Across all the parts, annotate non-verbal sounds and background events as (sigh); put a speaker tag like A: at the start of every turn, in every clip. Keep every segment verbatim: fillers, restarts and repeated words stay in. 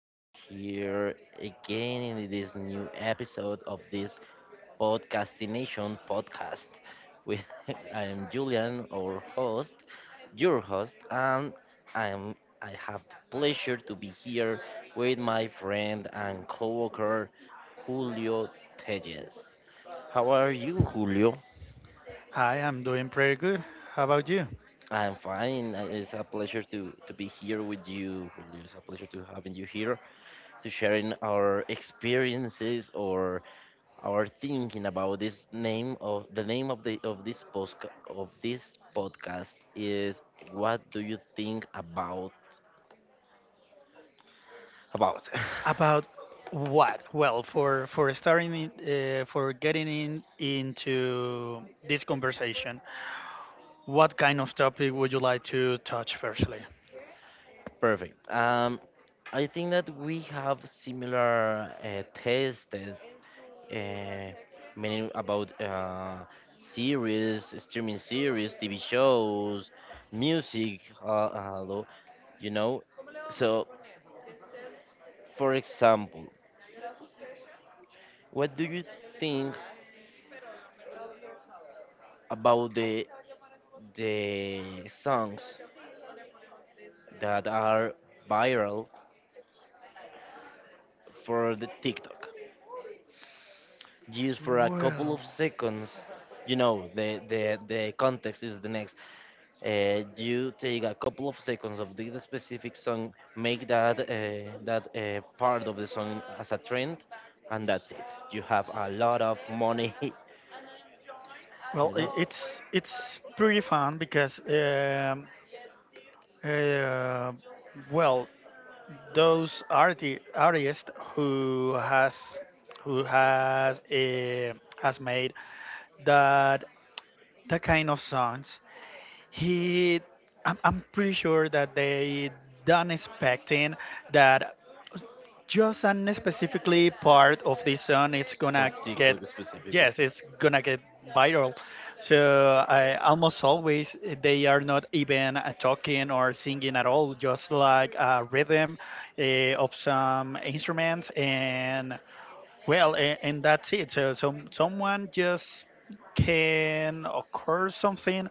A: We are here again in this new episode of this Podcastination podcast. With (laughs) I am Julian, our host, your host, and I am I have the pleasure to be here with my friend and coworker Julio Tejes. How are you, Julio?
B: Hi, I'm doing pretty good. How about you?
A: I'm fine. Uh, It's a pleasure to to be here with you, Julio. It's a pleasure to having you here, to sharing our experiences or our thinking about this name of the name of the of this post of this podcast is, what do you think about about?
B: About what? Well, for for starting in, uh, for getting in into this conversation, what kind of topic would you like to touch firstly?
A: (laughs) Perfect. um I think that we have similar uh, tastes, uh, many about uh series, streaming series, TV shows, music, uh, uh, lo- you know. So, for example, what do you think about the the songs that are viral for the TikTok? Just for a couple of
B: Well,
A: seconds, you know, the the, the context is the next. Uh, you take a couple of seconds of the specific song, make that uh, that uh, part of the song as a trend, and that's it. You have a lot of money, (laughs) you
B: well, I
A: know,
B: it's it's pretty fun because um, uh, well, those arti artists who has who has uh, has made that that kind of songs he I'm, I'm pretty sure that they done expecting that just an specifically part of this song it's
A: for
B: gonna get
A: TikTok specifically.
B: yes it's gonna get viral so I almost always eh, they are not even uh, talking or singing at all just like a rhythm uh, of some instruments and well, and, and that's it. So some someone just can occur something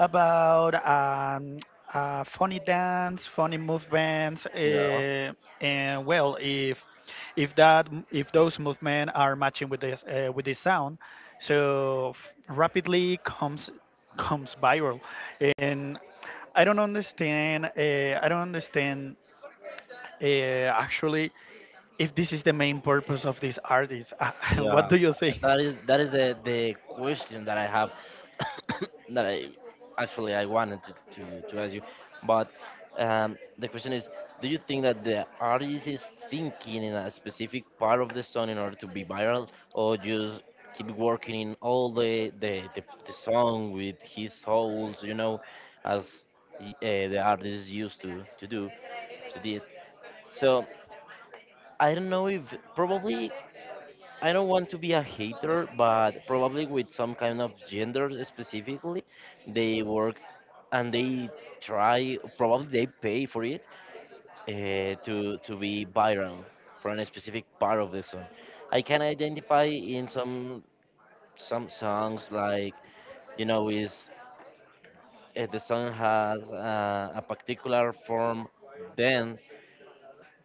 B: about um, uh, funny dance, funny movements,
A: Yeah.
B: uh, and well, if if that if those movements are matching with this uh, with this sound, so rapidly comes comes viral, and I don't understand. Uh, I don't understand uh, actually if this is the main purpose of this artist. (laughs) What
A: Yeah,
B: do you think?
A: that is that is the the question that I have (coughs) that I actually I wanted to, to, to ask you, but um, the question is, do you think that the artist is thinking in a specific part of the song in order to be viral, or just keep working in all the the, the, the song with his souls, you know, as uh, the artist used to to do, to did. So I don't know if, probably, I don't want to be a hater, but probably with some kind of gender specifically, they work and they try, probably they pay for it uh, to to be viral for a specific part of the song. I can identify in some some songs like, you know, is if the song has uh, a particular form, then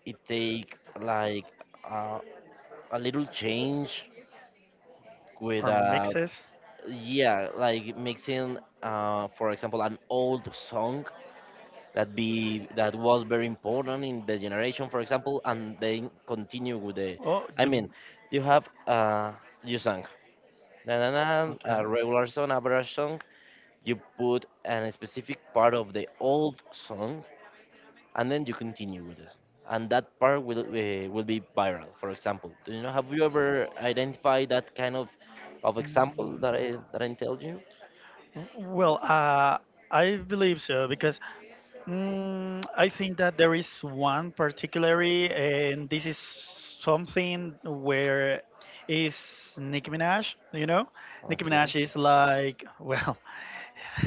A: it take like uh, a little change with
B: Or
A: a,
B: mixes?
A: yeah, like mixing, uh, for example, an old song that be that was very important in the generation, for example, and then continue with the,
B: Oh,
A: I mean,
B: Jim.
A: you have uh you sang na na na,
B: Okay.
A: a regular song, average song, you put a specific part of the old song and then you continue with it, and that part will uh, will be viral, for example. Do you know, have you ever identified that kind of of example
B: Mm,
A: that i that i tell you?
B: well, uh, I believe so because mm, I think that there is one particularly, and this is something where is Nicki Minaj. You know, Nicki
A: Okay.
B: Minaj is like (laughs) well,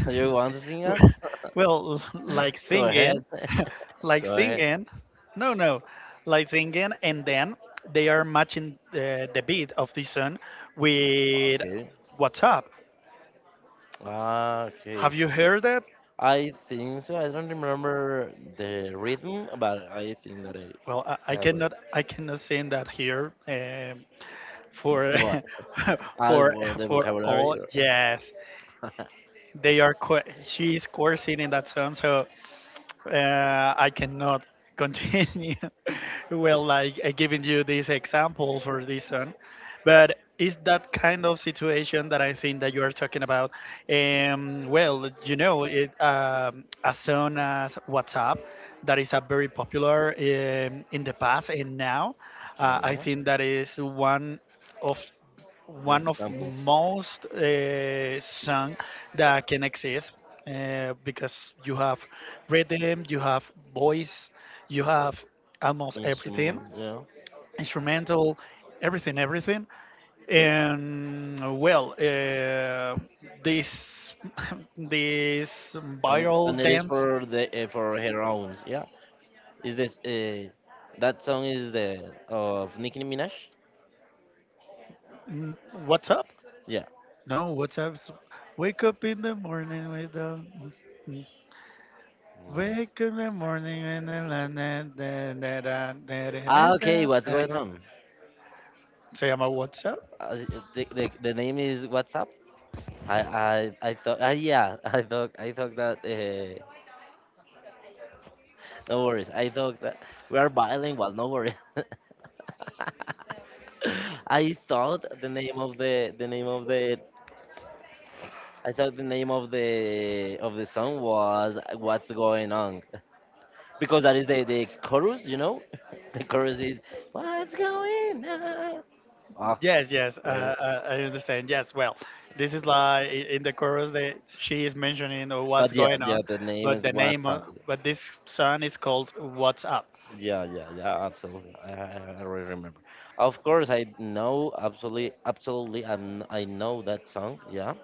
A: You want to sing
B: (laughs)
A: us?
B: well, (laughs) like
A: (laughs) Go ahead.
B: singing, (laughs)
A: (laughs)
B: like
A: Go ahead.
B: singing. No, no, like singing, and then they are matching the, the beat of this song with
A: Okay.
B: "What's Up."
A: Ah, okay.
B: Have you heard that?
A: I think so. I don't remember the rhythm, but I think that I
B: Well, I, I
A: have it.
B: cannot, I cannot sing that here um,
A: (laughs)
B: for,
A: What?
B: (laughs)
A: I,
B: for,
A: well, the
B: for
A: vocabulary.
B: all.
A: Or
B: Yes,
A: (laughs) okay,
B: they are. Co- She is coursing in that song, so uh, I cannot (laughs) continue (laughs) well like uh, giving you these examples for this one, but it's that kind of situation that I think that you are talking about. Um, well, you know it, um, as soon as WhatsApp, that is a very popular um, in the past and now, uh, I
A: yeah.
B: think that is one of
A: The
B: one of
A: examples,
B: most uh, songs that can exist, uh, because you have rhythm, you have voice, you have almost everything,
A: instrument, yeah,
B: instrumental, everything, everything. And well, uh, this (laughs) this
A: and
B: viral
A: and it is
B: dance,
A: for the uh, for her own. Yeah. Is this uh, that song is the of Nicki Minaj?
B: mm, what's up?
A: Yeah.
B: No, what's up? Is wake up in the morning with the
A: Yeah.
B: wake in the morning and then la- na- da- da- da- da- da- na-
A: Ah, okay.
B: da-
A: What's
B: da-
A: going
B: da.
A: on?
B: So I'm a what's up?
A: Uh, the, the the name is WhatsApp. I I I thought. Uh, yeah, (laughs) I thought I thought that. Uh, no worries. I thought that we are bilingual. No worries. (laughs) I thought the name of the the name of the I thought the name of the of the song was What's Going On, (laughs) because that is the the chorus. You know, (laughs) the chorus is What's Going On. Ah,
B: Yes, yes, uh,
A: yeah.
B: uh, I understand. Yes, well, this is like i- in the chorus that she is mentioning or what's
A: But yeah,
B: going
A: yeah,
B: on,
A: the name
B: but
A: is
B: the name,
A: WhatsApp.
B: of, but this song is called What's Up.
A: Yeah, yeah, yeah, absolutely. I, I I already remember. Of course, I know absolutely, absolutely. I'm, I know that song. Yeah,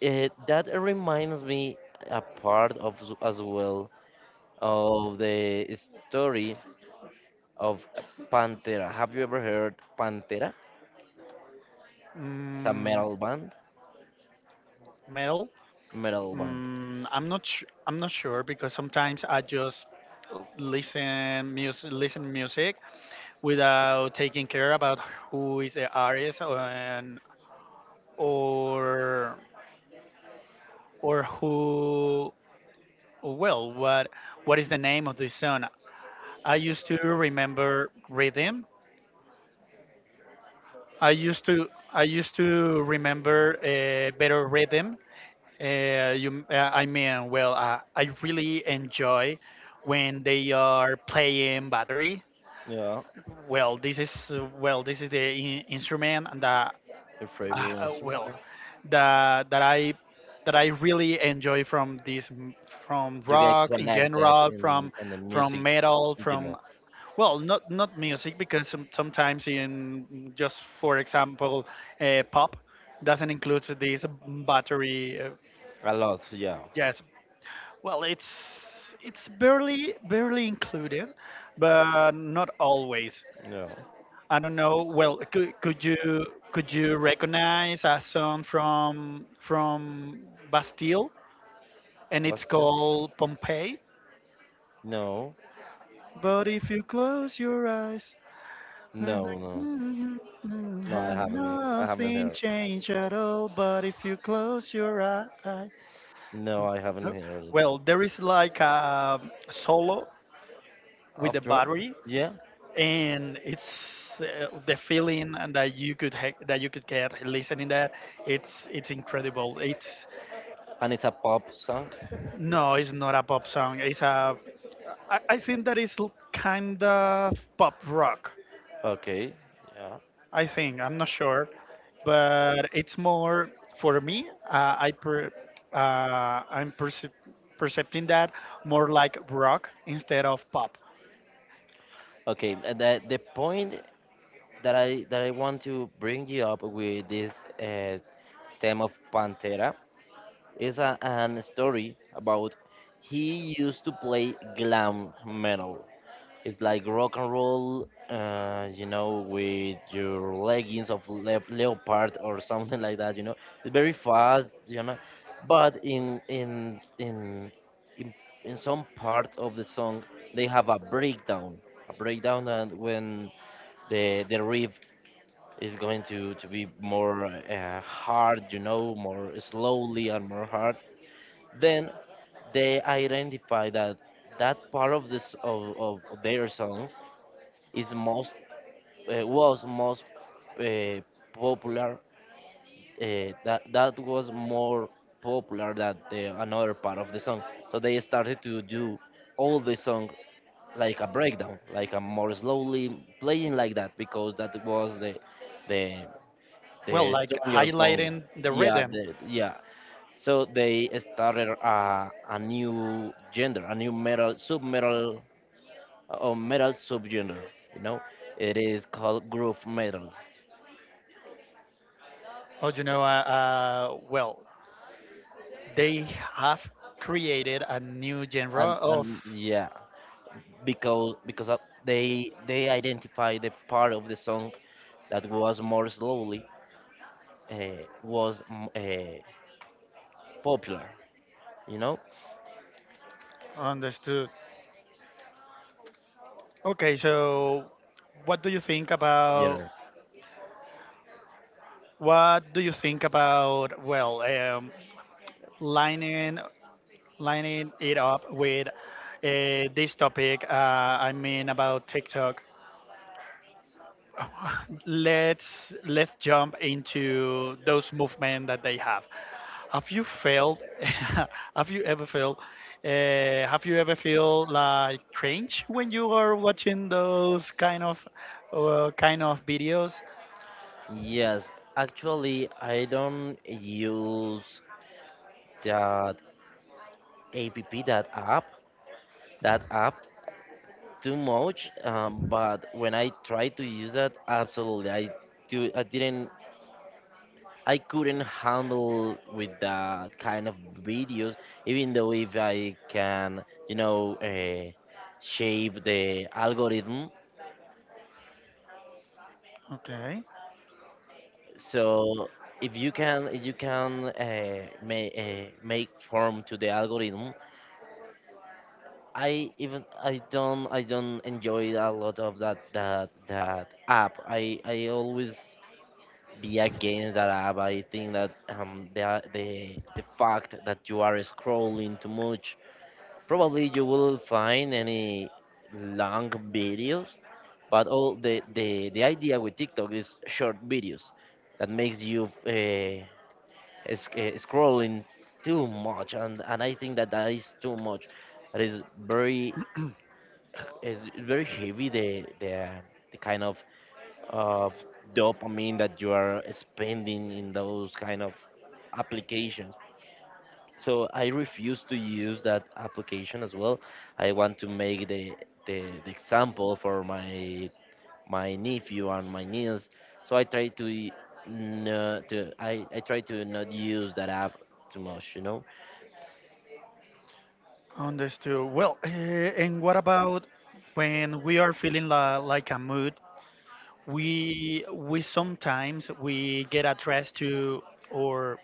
A: it, that reminds me a part of s- as well of the story of Pantera. Have you ever heard Pantera? It's a
B: Mm,
A: metal band.
B: metal.
A: Metal band.
B: Mm, I'm not. Sh- I'm not sure because sometimes I just listen music, listen music without taking care about who is the artist or, and or or who well what what is the name of this song. I used to remember rhythm. I used to i used to remember a better rhythm. Uh, you uh, I mean, well uh, I really enjoy when they are playing battery.
A: Yeah,
B: Well, this is uh, well this is the in- instrument that
A: your
B: uh,
A: favorite instrument,
B: well
A: yeah.
B: that that I that I really enjoy from this m- from
A: You get
B: rock in
A: connected
B: general,
A: in
B: from
A: in the
B: from
A: music,
B: metal,
A: you
B: from
A: know,
B: well, not not music because some, sometimes in just for example uh, pop doesn't include this battery. Uh,
A: a lot. Yeah,
B: yes, well, it's it's barely barely included, but not always.
A: yeah.
B: I don't know. Well, could, could you could you recognize a song from from Bastille and
A: What's
B: it's
A: the-
B: called Pompeii?
A: No,
B: But if you close your eyes, and
A: no,
B: like,
A: no.
B: "Mm, mm,
A: No, I
B: mm,
A: haven't. I haven't
B: nothing
A: heard.
B: changed at all. But if you close your eyes,
A: No, I haven't
B: no?
A: heard it.
B: Well, there is like a solo with
A: Of
B: the
A: drum?
B: battery
A: Yeah.
B: and it's uh, the feeling and that you could ha- that you could get listening that. It's it's incredible. It's
A: And it's a pop song.
B: no, it's not a pop song. It's a i, I think that is kind of pop rock.
A: Okay. Yeah.
B: I think, I'm not sure, but it's more for me. Uh, i per, uh, i'm perce- percepting that more like rock instead of pop.
A: Okay. And the the point that I that I want to bring you up with this uh, theme of Pantera is a an story about he used to play glam metal. It's like rock and roll, uh, you know, with your leggings of le- leopard or (laughs) something like that. You know, it's very fast, you know, but in in in in, in some part of the song they have a breakdown, a breakdown, and when the the riff is going to to be more uh, hard, you know, more slowly and more hard. Then they identify that that part of this of, of their songs is most uh, was most uh, popular. Uh, that that was more popular than the another part of the song. So they started to do all the song like a breakdown, like a more slowly playing like that because that was the the the
B: Well, like
A: stronger point.
B: highlighting the
A: Yeah,
B: rhythm.
A: the, yeah. So they started a, a new gender, a new metal sub metal or metal subgenre. You know, it is called groove metal,
B: Oh, you know, uh, uh, well they have created a new genre
A: and
B: of
A: and yeah, because because of- they they identify the part of the song that was more slowly, uh, was uh, popular. You know,
B: understood. Okay, so what do you think about
A: genre.
B: what do you think about well, um, lining lining it up with uh, this topic. Uh, i mean about TikTok. (laughs) Let's let's jump into those movement that they have. Have you felt? (laughs) Have you ever felt? Uh, have you ever feel like cringe when you are watching those kind of uh, kind of videos?
A: Yes, actually, I don't use that app, that app, that app too much. Um, but when I try to use that, absolutely, I do. I didn't, I couldn't handle with that kind of videos, even though if I can, you know, uh, shape the algorithm.
B: Okay,
A: So if you can, if you can uh, make uh, make form to the algorithm. I, even I don't, I don't enjoy a lot of that that that app. I I always be against that app. I think that um the the the fact that you are scrolling too much, probably you will find any long videos, but all the the, the idea with TikTok is short videos that makes you uh, sc- uh, scrolling too much, and and I think that that is too much, that is very, is very heavy the the the kind of of dopamine that you are spending in those kind of applications, so I refuse to use that application as well. I want to make the the, the example for my my nephew and my niece. So I try to y- no to I, I try to not use that app too much, you know?
B: understood. Well, uh, and what about when we are feeling la- like a mood? We we sometimes we get addressed to, or,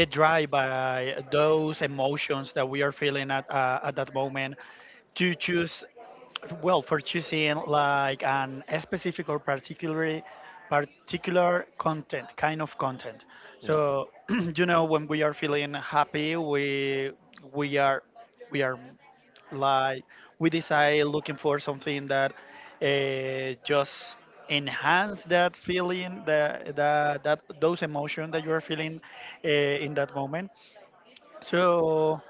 B: get dry by those emotions that we are feeling at uh, at that moment, to choose, well, for choosing like an a specific or particularly particular content, kind of content.
A: No.
B: So (clears throat) you know, when we are feeling happy, we we are we are like, we decide looking for something that uh, just enhance that feeling, that, that that those emotions that you are feeling uh, in that moment. So,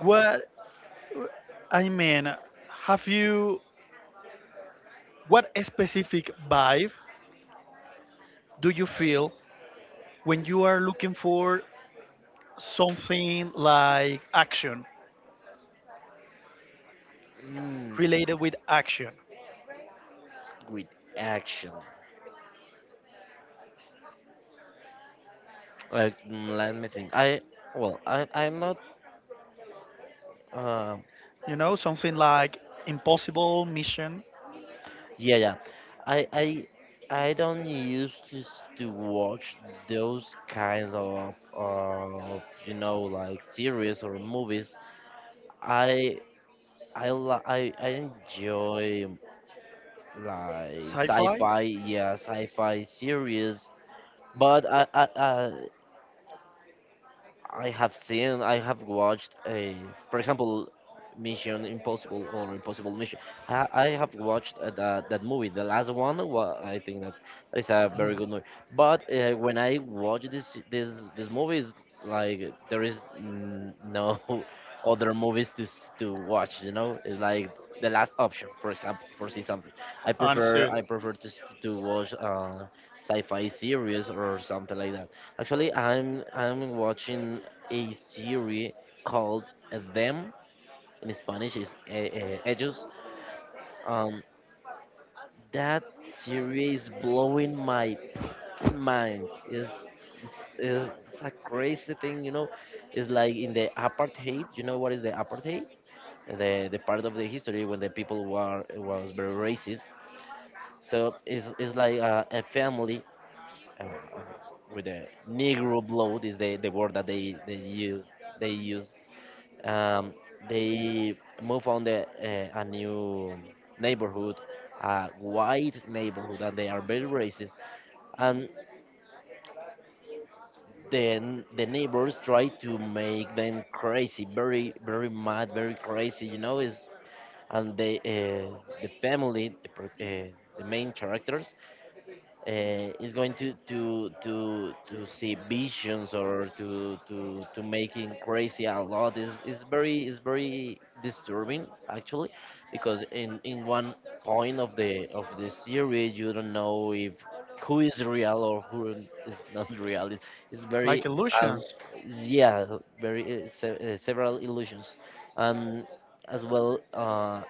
B: what I mean, have you what specific vibe do you feel when you are looking for something like action
A: Mm,
B: related with action?
A: with action. Like mm, let me think. I, well, I I'm not um.
B: You know, something like impossible mission,
A: Yeah, yeah. I I I don't used to s- to watch those kinds of of you know, like, series or movies. I, I li- I I enjoy like
B: sci-fi,
A: sci-fi, yeah, sci-fi series. But I I I have seen, I have watched a, for example, Mission Impossible or Impossible Mission. I, I have watched uh, that that movie, the last one. wa- I think that that is a very good movie. But uh, when I watch this this this movie, is like there is n- no (laughs) other movies to s- to watch. You know, it's like the last option, for example, for see something. I prefer
B: understood,
A: I prefer to s- to watch. Uh, sci-fi series or something like that. Actually, I'm I'm watching a series called Them. In Spanish is eh, eh, Ellos. Um, that series is blowing my mind. Is, it's, it's a crazy thing, you know. It's like in the apartheid. You know what is the apartheid? The the part of the history when the people were was very racist. So it's, it's like a, a family uh, with the Negro blood is the, the word that they they use they used. Um, they move on the uh, a new neighborhood, a white neighborhood, and they are very racist. And then the neighbors try to make them crazy, very very mad, very crazy. You know is and the uh, the family, the, pro- uh, the main characters uh, is going to to to to see visions or to to to making crazy a lot, is is very, is very disturbing actually, because in in one point of the of the series you don't know if who is real or who is not (laughs) real. It- it's very
B: like
A: um,
B: illusions,
A: yeah, very uh, se- uh, several illusions, um, as well, uh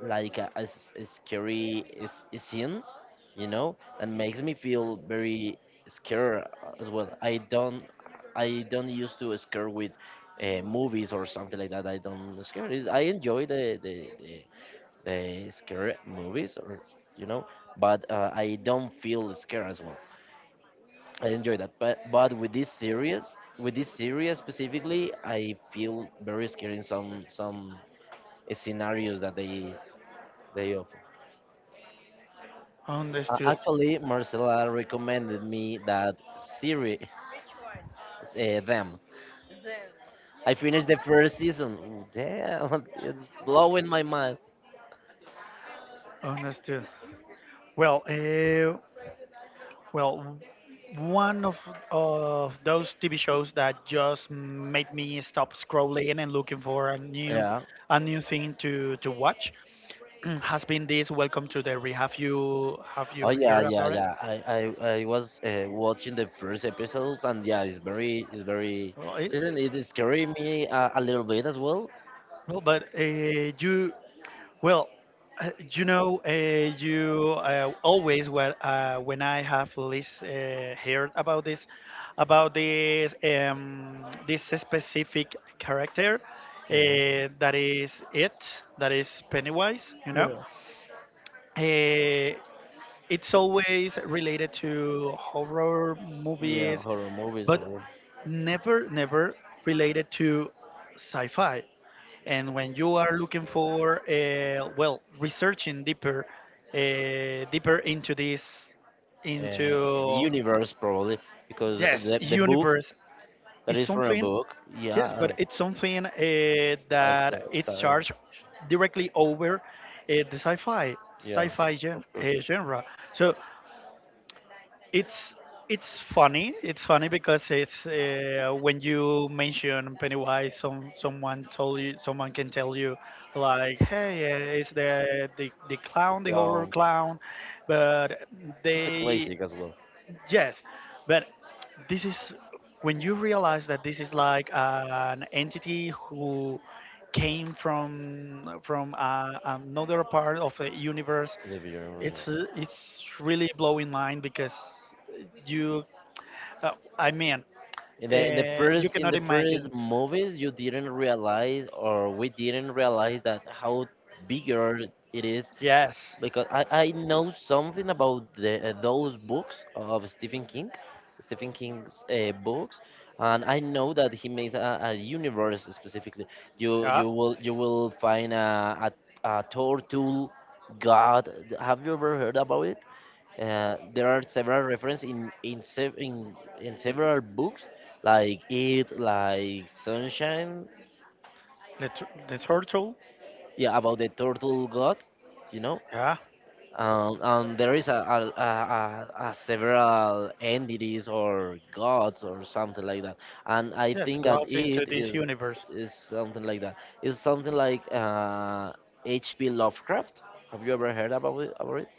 A: like a, a s- a scary s- scenes, you know, that makes me feel very scared as well. I don't i don't used to scare with uh, movies or something like that, I don't scare it. I enjoy the the, the the scary movies or, you know, but uh, I don't feel scared as well, I enjoy that, but but with this series, with this series specifically, I feel very scared in some some scenarios that they they offer. uh,
B: understood,
A: actually, Marcela recommended me that series. Uh, them. I finished the first season. Ooh, damn, (laughs) it's blowing my mind.
B: understood. Well, uh, Well, one of of those T V shows that just made me stop scrolling and looking for a new
A: Yeah.
B: a new thing to to watch (clears throat) has been this Welcome to the Re. Have you have you
A: Oh yeah,
B: heard
A: yeah,
B: about it?
A: yeah. I I, I was uh, watching the first episodes, and yeah, it's very it's very.
B: Well, it,
A: Doesn't
B: it-
A: it scare me a, a little bit as well?
B: well but uh, you well, uh, you know, uh, you uh, always, when uh, when I have least uh, heard about this, about this, um, this specific character, uh,
A: Yeah.
B: that is it, that is Pennywise. You know, uh, it's always related to horror
A: Yeah,
B: movies,
A: horror movies,
B: but
A: horror
B: never, never related to sci-fi. And when you are looking for, uh, well, researching deeper, uh, deeper into this,
A: uh,
B: into
A: universe probably because
B: yes,
A: the the book
B: universe
A: that
B: is
A: is from a
B: something.
A: book. Yeah,
B: Yes, but
A: uh,
B: it's something uh,
A: like the
B: that
A: uh,
B: it's
A: so,
B: charged directly over uh, the sci-fi,
A: yeah,
B: sci-fi gen-
A: of course,
B: uh, genre. So it's it's funny. It's funny because it's uh, when you mention Pennywise, some someone told you, someone can tell you, like, hey, uh, it's the, the the
A: the
B: clown, the horror
A: clown.
B: clown, but
A: It's a
B: they
A: classic as well.
B: yes, but this is when you realize that this is like an entity who came from from uh, another part of the universe.
A: The video,
B: It's
A: yeah.
B: uh, it's really blowing mind because you, uh, I mean,
A: In the in the
B: uh, you
A: first in
B: cannot
A: the
B: imagine.
A: first movies, you didn't realize, or we didn't realize that how bigger it is
B: Yes,
A: because I, I know something about the uh, those books of Stephen King, Stephen King's uh, books, and I know that he makes a, a universe specifically. You
B: yeah,
A: you will you will find a a, a turtle god. Have you ever heard about it? Uh, there are several references in in, sev- in in several books, like it, like Sunshine,
B: the tur- the turtle.
A: yeah, about the turtle god, you know.
B: Yeah,
A: Um, and there is a, a, a, a a several entities or gods or something like that. And I
B: yes,
A: think that
B: goes into
A: it
B: this
A: is
B: universe.
A: is something like that. It's something like uh, H P. Lovecraft. Have you ever heard about it? About it?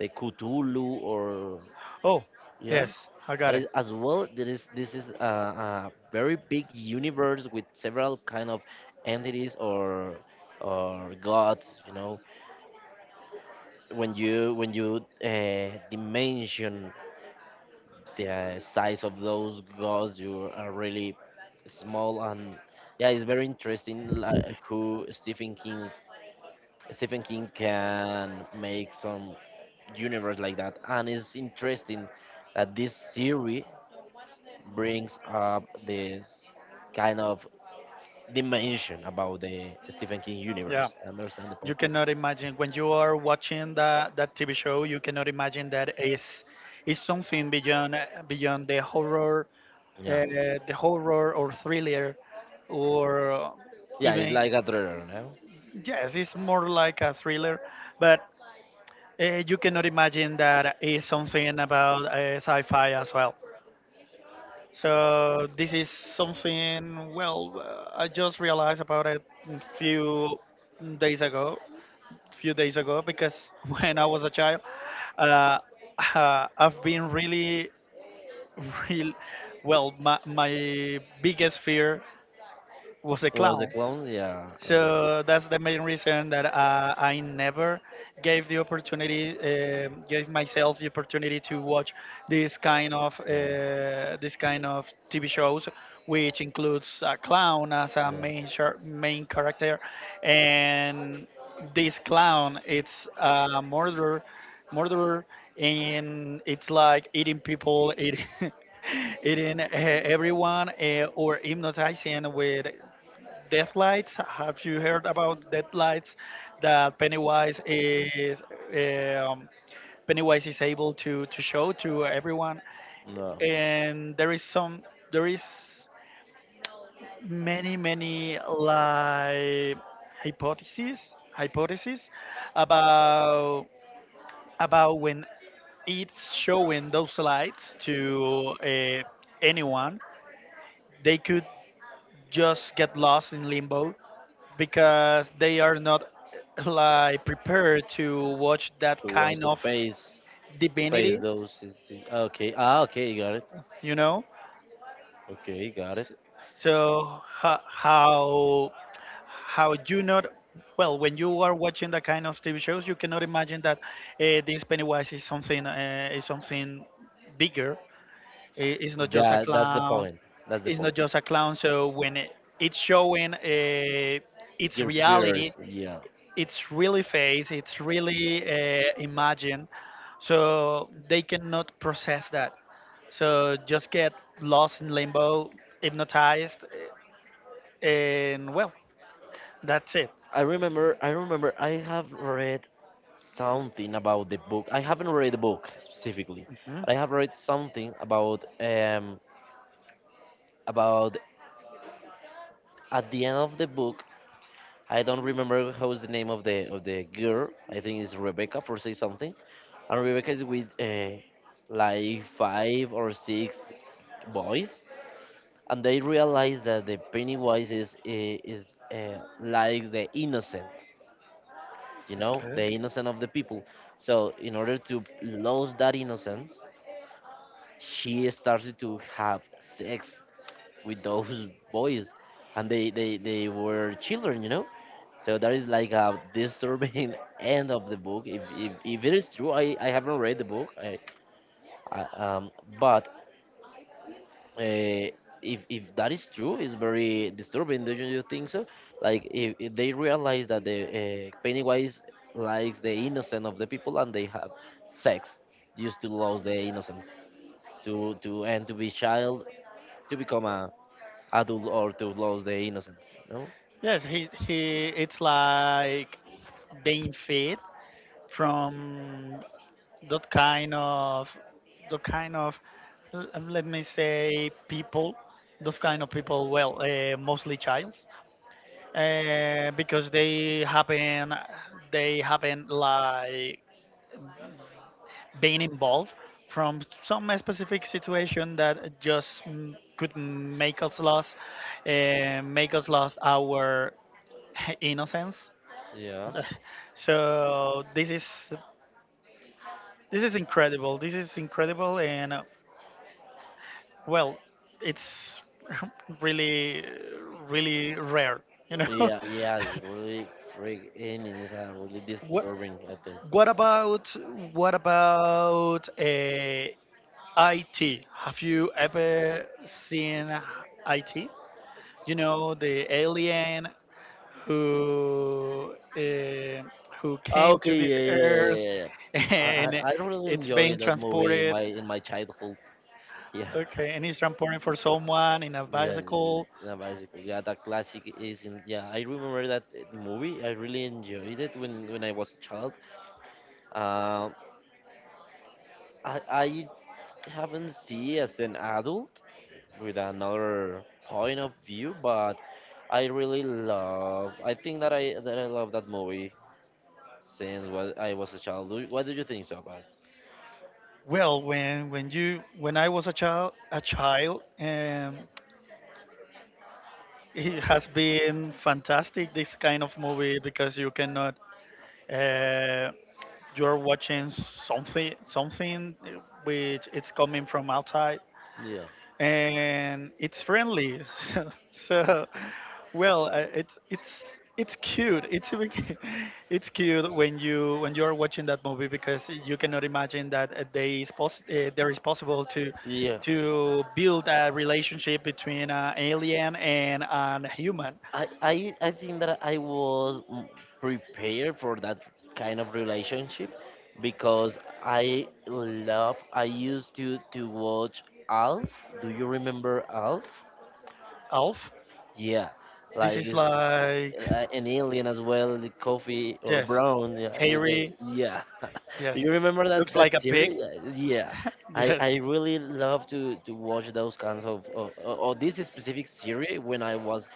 A: The Cthulhu or
B: Oh,
A: yeah?
B: yes, I
A: That
B: got it.
A: is as well. There is this is a, a very big universe with several kind of entities or or gods. You know, when you when you uh, dimension the size of those gods, you are really small and yeah, it's very interesting. Like who Stephen King's Stephen King can make some universe like that, and it's interesting that this series brings up this kind of dimension about the Stephen King
B: Yeah,
A: universe. I understand the
B: you
A: point.
B: cannot imagine when you are watching that that T V show. You cannot imagine that is is something beyond uh, beyond the horror, uh,
A: Yeah.
B: the horror or thriller, or
A: Yeah, it's
B: even
A: like a thriller, no?
B: yes, it's more like a thriller, but uh, you cannot imagine that it's something about uh, sci-fi as well. So this is something. Well, uh, I just realized about it a few days ago. Few days ago, because (laughs) when I was a child, uh, uh, I've been really, (laughs) real. Well, my my biggest fear was a
A: It was the
B: clown.
A: clown, yeah. I don't know.
B: So that's the main reason that uh, I never gave the opportunity, um gave myself the opportunity to watch this kind of uh,
A: No,
B: this kind of T V shows, which includes a clown as a
A: no,
B: main char- main character, and this clown it's a murderer, murderer, and it's like eating people, eating (laughs) eating uh, everyone, uh, or hypnotizing with Deathlights. Have you heard about Deathlights? That Pennywise is um, Pennywise is able to to show to everyone,
A: no.
B: and there is some there is many many like hypotheses hypotheses about about when it's showing those lights to uh, anyone, they could just get lost in limbo because they are not (laughs) like prepared to watch that
A: Who wants
B: kind
A: to watch the
B: of
A: face face
B: divinity,
A: those? is- is- Okay, ah, okay, got it.
B: you know.
A: Okay, got it.
B: S- so ho- how how you not, well, when you are watching that kind of TV shows, you cannot imagine that uh, this Pennywise is something, uh, is something bigger. I- it's not just a
A: That that's the
B: clown.
A: point. That's the
B: It's
A: point.
B: not just a clown so, when it- it's showing uh, its
A: Your fears,
B: reality,
A: yeah.
B: it's really face, it's really uh, imagine, so they cannot process that. So just get lost in limbo, hypnotized, uh, and well, that's it.
A: I remember, I remember, I have read something about the book. I haven't read the book specifically,
B: Hmm.
A: but I have read something about um about at the end of the book. I don't remember how is the name of the of the girl. I think it's Rebecca for say something, and Rebecca is with uh, like five or six boys, and they realize that the Pennywise is uh, is uh, like the innocent. You know,
B: Okay.
A: the innocence of the people. So, in order to lose that innocence, she started to have sex with those (laughs) boys, and they, they, they were children, you know. So that is like a disturbing (laughs) end of the book. If if, if it is true, I, I haven't read the book. I, I um, but uh, if if that is true, it's very disturbing. Don't you think so? Like if, if they realize that the uh, Pennywise likes the innocent of the people and they have sex just to lose their innocence, to to and to be child, to become a adult or to lose their innocence. No.
B: Yes, he he. It's like being fed from that kind of that kind of l- let me say people, those kind of people. Well, uh, mostly child, uh, because they happen they happen like being involved from some specific situation that just mm, could make us lost uh, make us lost our (laughs) innocence.
A: Yeah.
B: (laughs) So this is this is incredible. This is incredible. And uh, well, it's (laughs) really really rare, you know. (laughs)
A: Yeah, yeah, it's really freak and it's uh, really
B: what
A: disturbing, I think.
B: What about what about uh, I T? Have you ever seen I T? You know, the alien who uh, who
A: Ah,
B: came to
A: okay,
B: this
A: yeah, yeah, yeah,
B: earth
A: yeah, yeah. I, I
B: and
A: I really
B: it's being
A: enjoyed that movie in
B: transported.
A: my in my childhood. (laughs) Yeah.
B: Okay, and it's transported for someone in a
A: Yeah, yeah,
B: bicycle.
A: yeah, bicycle. Yeah, that classic is in. Yeah, I remember that uh, movie. I really enjoyed it when when I was a child. Uh, I I haven't seen as an adult with another point of view, but I really love. I think that I that I love that movie since what I was a child. Do- What do you think so about?
B: Well, when when you when I was a child a child, um, it has been fantastic this kind of movie because you cannot. Uh, you're watching something something which it's coming from outside
A: Yeah.
B: and it's friendly. (laughs) So, well, uh, it's it's it's cute. It's a big- (laughs) it's cute when you when you're watching that movie because you cannot imagine that uh, they is poss- uh, there is possible to
A: Yeah.
B: to build a relationship between an alien and a human
A: I, I I think that I was mm, prepared for that kind of relationship because I love I used to to watch Alf. Do you remember Alf?
B: elf.
A: Yeah,
B: This
A: like
B: is
A: uh,
B: like
A: an alien as well, the Coffee or
B: yes,
A: Brown. Yeah, with the
B: Harry.
A: yeah. (laughs) Do
B: Yes,
A: you remember that
B: looks like
A: that
B: a pig.
A: series? Yeah, yeah.
B: (laughs)
A: I,
B: Yes,
A: I really love to, to watch those kinds of or, or this specific series when I was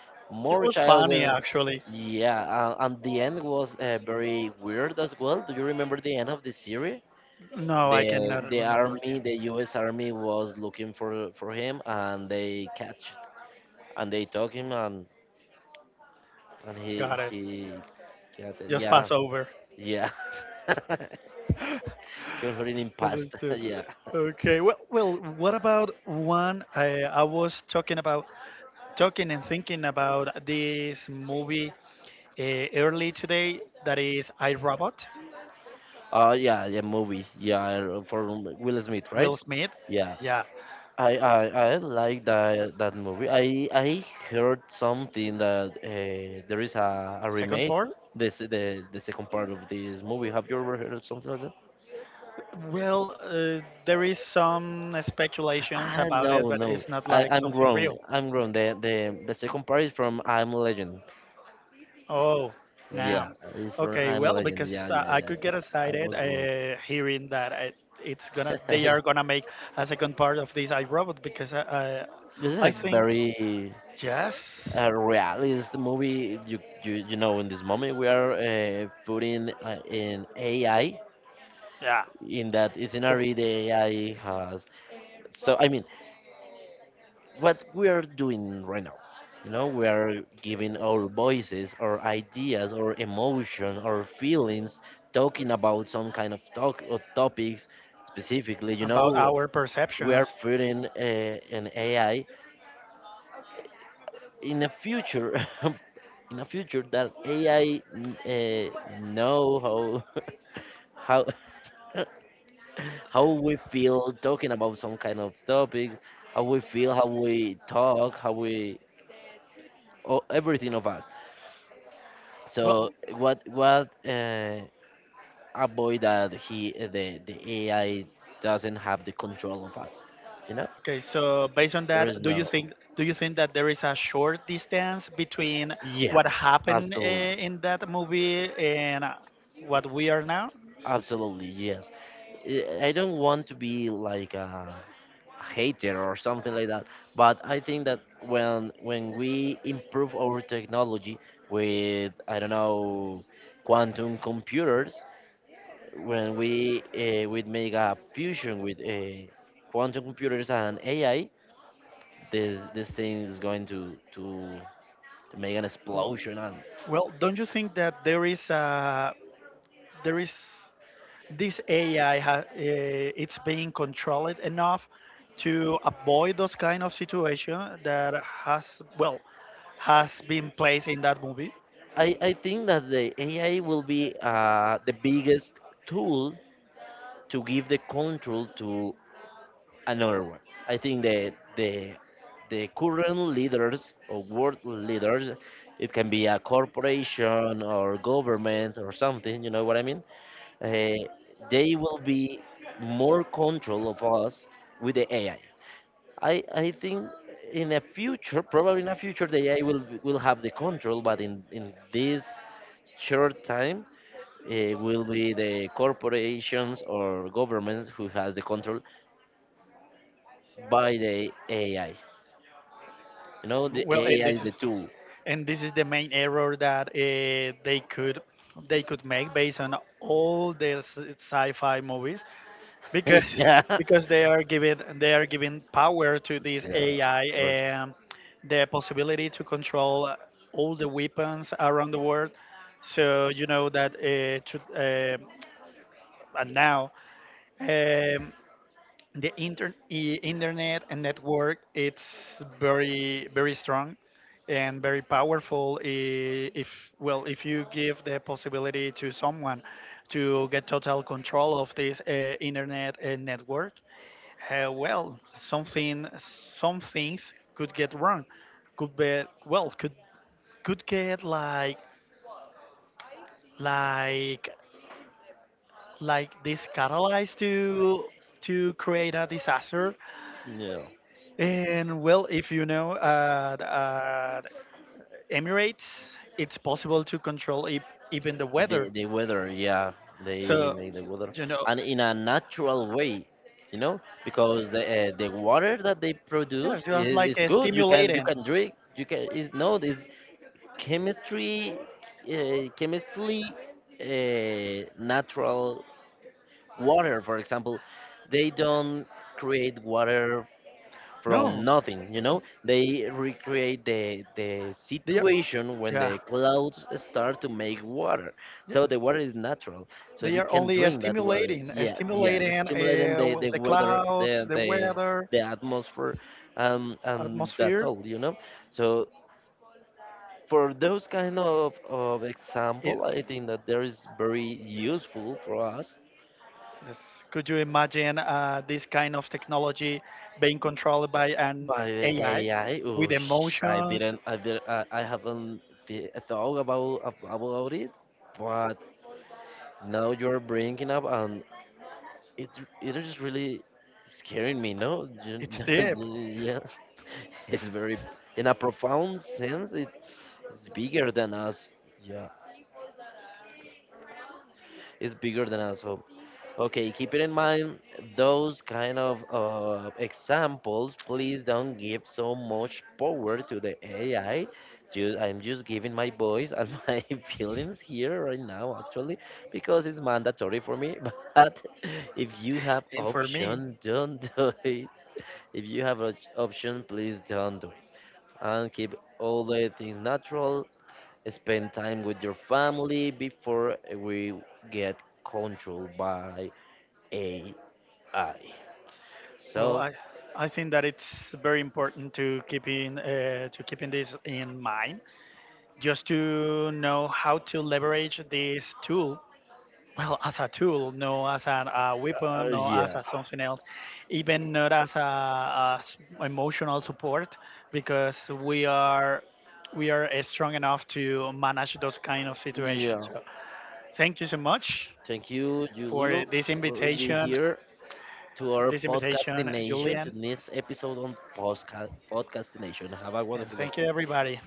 B: he
A: more
B: was
A: child.
B: funny
A: When
B: actually.
A: yeah, uh, and the end was uh, very weird as well. Do you remember the end of the series?
B: No, I
A: The
B: cannot
A: the
B: remember
A: army,
B: again.
A: the U S army was looking for for him, and they catch and they took him and and he
B: Got it.
A: he got it.
B: Just
A: Yeah,
B: pass over.
A: yeah. (laughs) He was already in past. (laughs)
B: Understood.
A: Yeah.
B: Okay. Well, well. What about one? I I was talking about talking and thinking about this movie uh, early today. That is I Robot.
A: Oh yeah, yeah. Movie. Yeah, for Will Smith, right?
B: Will Smith.
A: Yeah.
B: Yeah.
A: I I, I like that that movie. I I heard something that uh, there is a, a
B: Second
A: remake.
B: part.
A: This the the second part of this movie. Have you ever heard of something like that?
B: Well, uh, there is some speculations
A: Ah
B: about it,
A: no
B: but
A: no.
B: it's not
A: I
B: like
A: I'm
B: something
A: wrong.
B: real.
A: I'm wrong. The the the second part is from I'm Legend.
B: Oh, now.
A: Yeah, it's for
B: Okay,
A: I'm
B: well,
A: Legend.
B: because
A: Yeah,
B: uh,
A: yeah,
B: I
A: yeah,
B: could
A: yeah.
B: get
A: I
B: excited
A: was wrong.
B: uh, hearing that it, it's gonna,
A: (laughs)
B: they
A: This
B: are gonna make a second part of this iRobot because I,
A: is
B: I, I
A: a
B: think
A: very
B: yes,
A: uh, realist movie. You, you you know, in this moment we are uh, putting uh, in A I.
B: yeah,
A: In that scenario, the A I has. So I mean, what we are doing right now, you know, we are giving our voices, our ideas, our emotion, our feelings, talking about some kind of talk or topics specifically. You
B: about
A: know,
B: our
A: we are
B: perceptions.
A: feeding uh, an A I in a future, (laughs) in a future that A I uh, know how (laughs) how (laughs) how we feel talking about some kind of topics, how we feel, how we talk, how we oh, everything of us.
B: Well,
A: So what what uh, avoid that he eh, the the A I doesn't have the control of us, you know?
B: okay, so based on
A: There is
B: that, do you
A: no
B: think do you think that there is a short distance between
A: yeah,
B: what happened uh,
A: absolutely,
B: in that movie and uh, what we are now?
A: absolutely yes. I I don't want to be like a hater or something like that, but I think that when when we improve our technology with I don't know quantum computers, when we uh, would make a fusion with uh, quantum computers and A I, this this thing is going to to, to make an
B: Wh-
A: explosion, and
B: Well, don't you think that there is a there is this A I ha, uh, it's being controlled enough to avoid those kind of situation that has well has been placed in that movie.
A: I I think that the A I will be uh, the biggest tool to give the control to another one. I think the the the current leaders or world leaders, it can be a corporation or government or something. You know what I mean? Uh, they will be more control of us with the A I. I I I think in a future, probably in a future, the A I will will have the control, but in in this short time. It will be the corporations or governments who has the control by the A I. You know, the
B: Well, and
A: A I is
B: this is
A: the tool.
B: and this is the main error that uh, they could they could make based on all the s- sci-fi movies,
A: (laughs)
B: because
A: Yeah.
B: because they are giving they are giving power to this
A: Yeah, of
B: A I
A: course.
B: and the possibility to control all the weapons around the world. So you know that uh, to, um and now, um, the inter- i- internet and network it's very very strong and very powerful. I- if, well, if you give the possibility to someone to get total control of this uh, internet and network, uh, well, something, some things could get wrong. Could be, well, could could get like like like this catalyzed to to create a disaster.
A: Yeah.
B: And well, if you know uh, uh, Emirates, it's possible to control e- even the
A: The
B: weather.
A: the weather, yeah. They
B: So
A: make the weather
B: you know,
A: and in a natural way, you know, because the uh, the water that they produce
B: yeah, just
A: is,
B: like
A: is
B: a
A: good. You can you
B: stimulating.
A: can drink. You can is no, this chemistry, uh, chemistry, uh, natural water. For example, they don't create water from
B: No,
A: nothing, you know, they recreate the the
B: they are,
A: situation when
B: yeah.
A: the clouds start to make water so the water is natural, so
B: They
A: you
B: are
A: can
B: only uh,
A: drink that water,
B: stimulating, uh,
A: yeah, yeah, the
B: stimulating uh,
A: stimulating, the
B: well,
A: the
B: the
A: weather,
B: clouds,
A: the
B: the
A: the
B: weather,
A: the atmosphere, um and that's
B: atmosphere.
A: all, you know, so for those kind of, of
B: It,
A: example, I think that there is very useful for us.
B: yes. Could you imagine uh, this kind of technology being controlled by an
A: By the
B: A I
A: A I,
B: with
A: oosh, I
B: emotions?
A: didn't, I did, I, I haven't th thought about ab- about it, but now you're bringing up, and it it is really scaring me. No, You-
B: It's deep.
A: (laughs) yeah, it's very, in a profound sense, it, it's bigger than us. Yeah, it's bigger than us. So okay, keep it in mind those kind of uh, examples, please don't give so much power to the A I. Ju- I'm just giving my voice and (laughs) my feelings here right now, actually, because it's mandatory for me. (laughs) But if you have
B: And for me,
A: option, don't do it. If you have an option, please don't do it. And keep all the things natural. Spend time with your family before we get controlled by A I. I.
B: well,
A: So,
B: I, I think that it's very important to keep in uh, to keeping this in mind, just to know how to leverage this tool well as a tool, no as an, a
A: Uh,
B: weapon, no as
A: yeah,
B: a something else, even not as a as emotional support, because we are we are uh, strong enough to manage those kind of situations.
A: yeah.
B: So thank you so much
A: Thank you,
B: for
A: Julio,
B: this
A: for being
B: invitation,
A: here to our
B: this
A: podcasting
B: invitation,
A: nation, to
B: Julian,
A: this episode on postca- podcasting nation. Have a
B: and
A: wonderful day.
B: thank you everybody.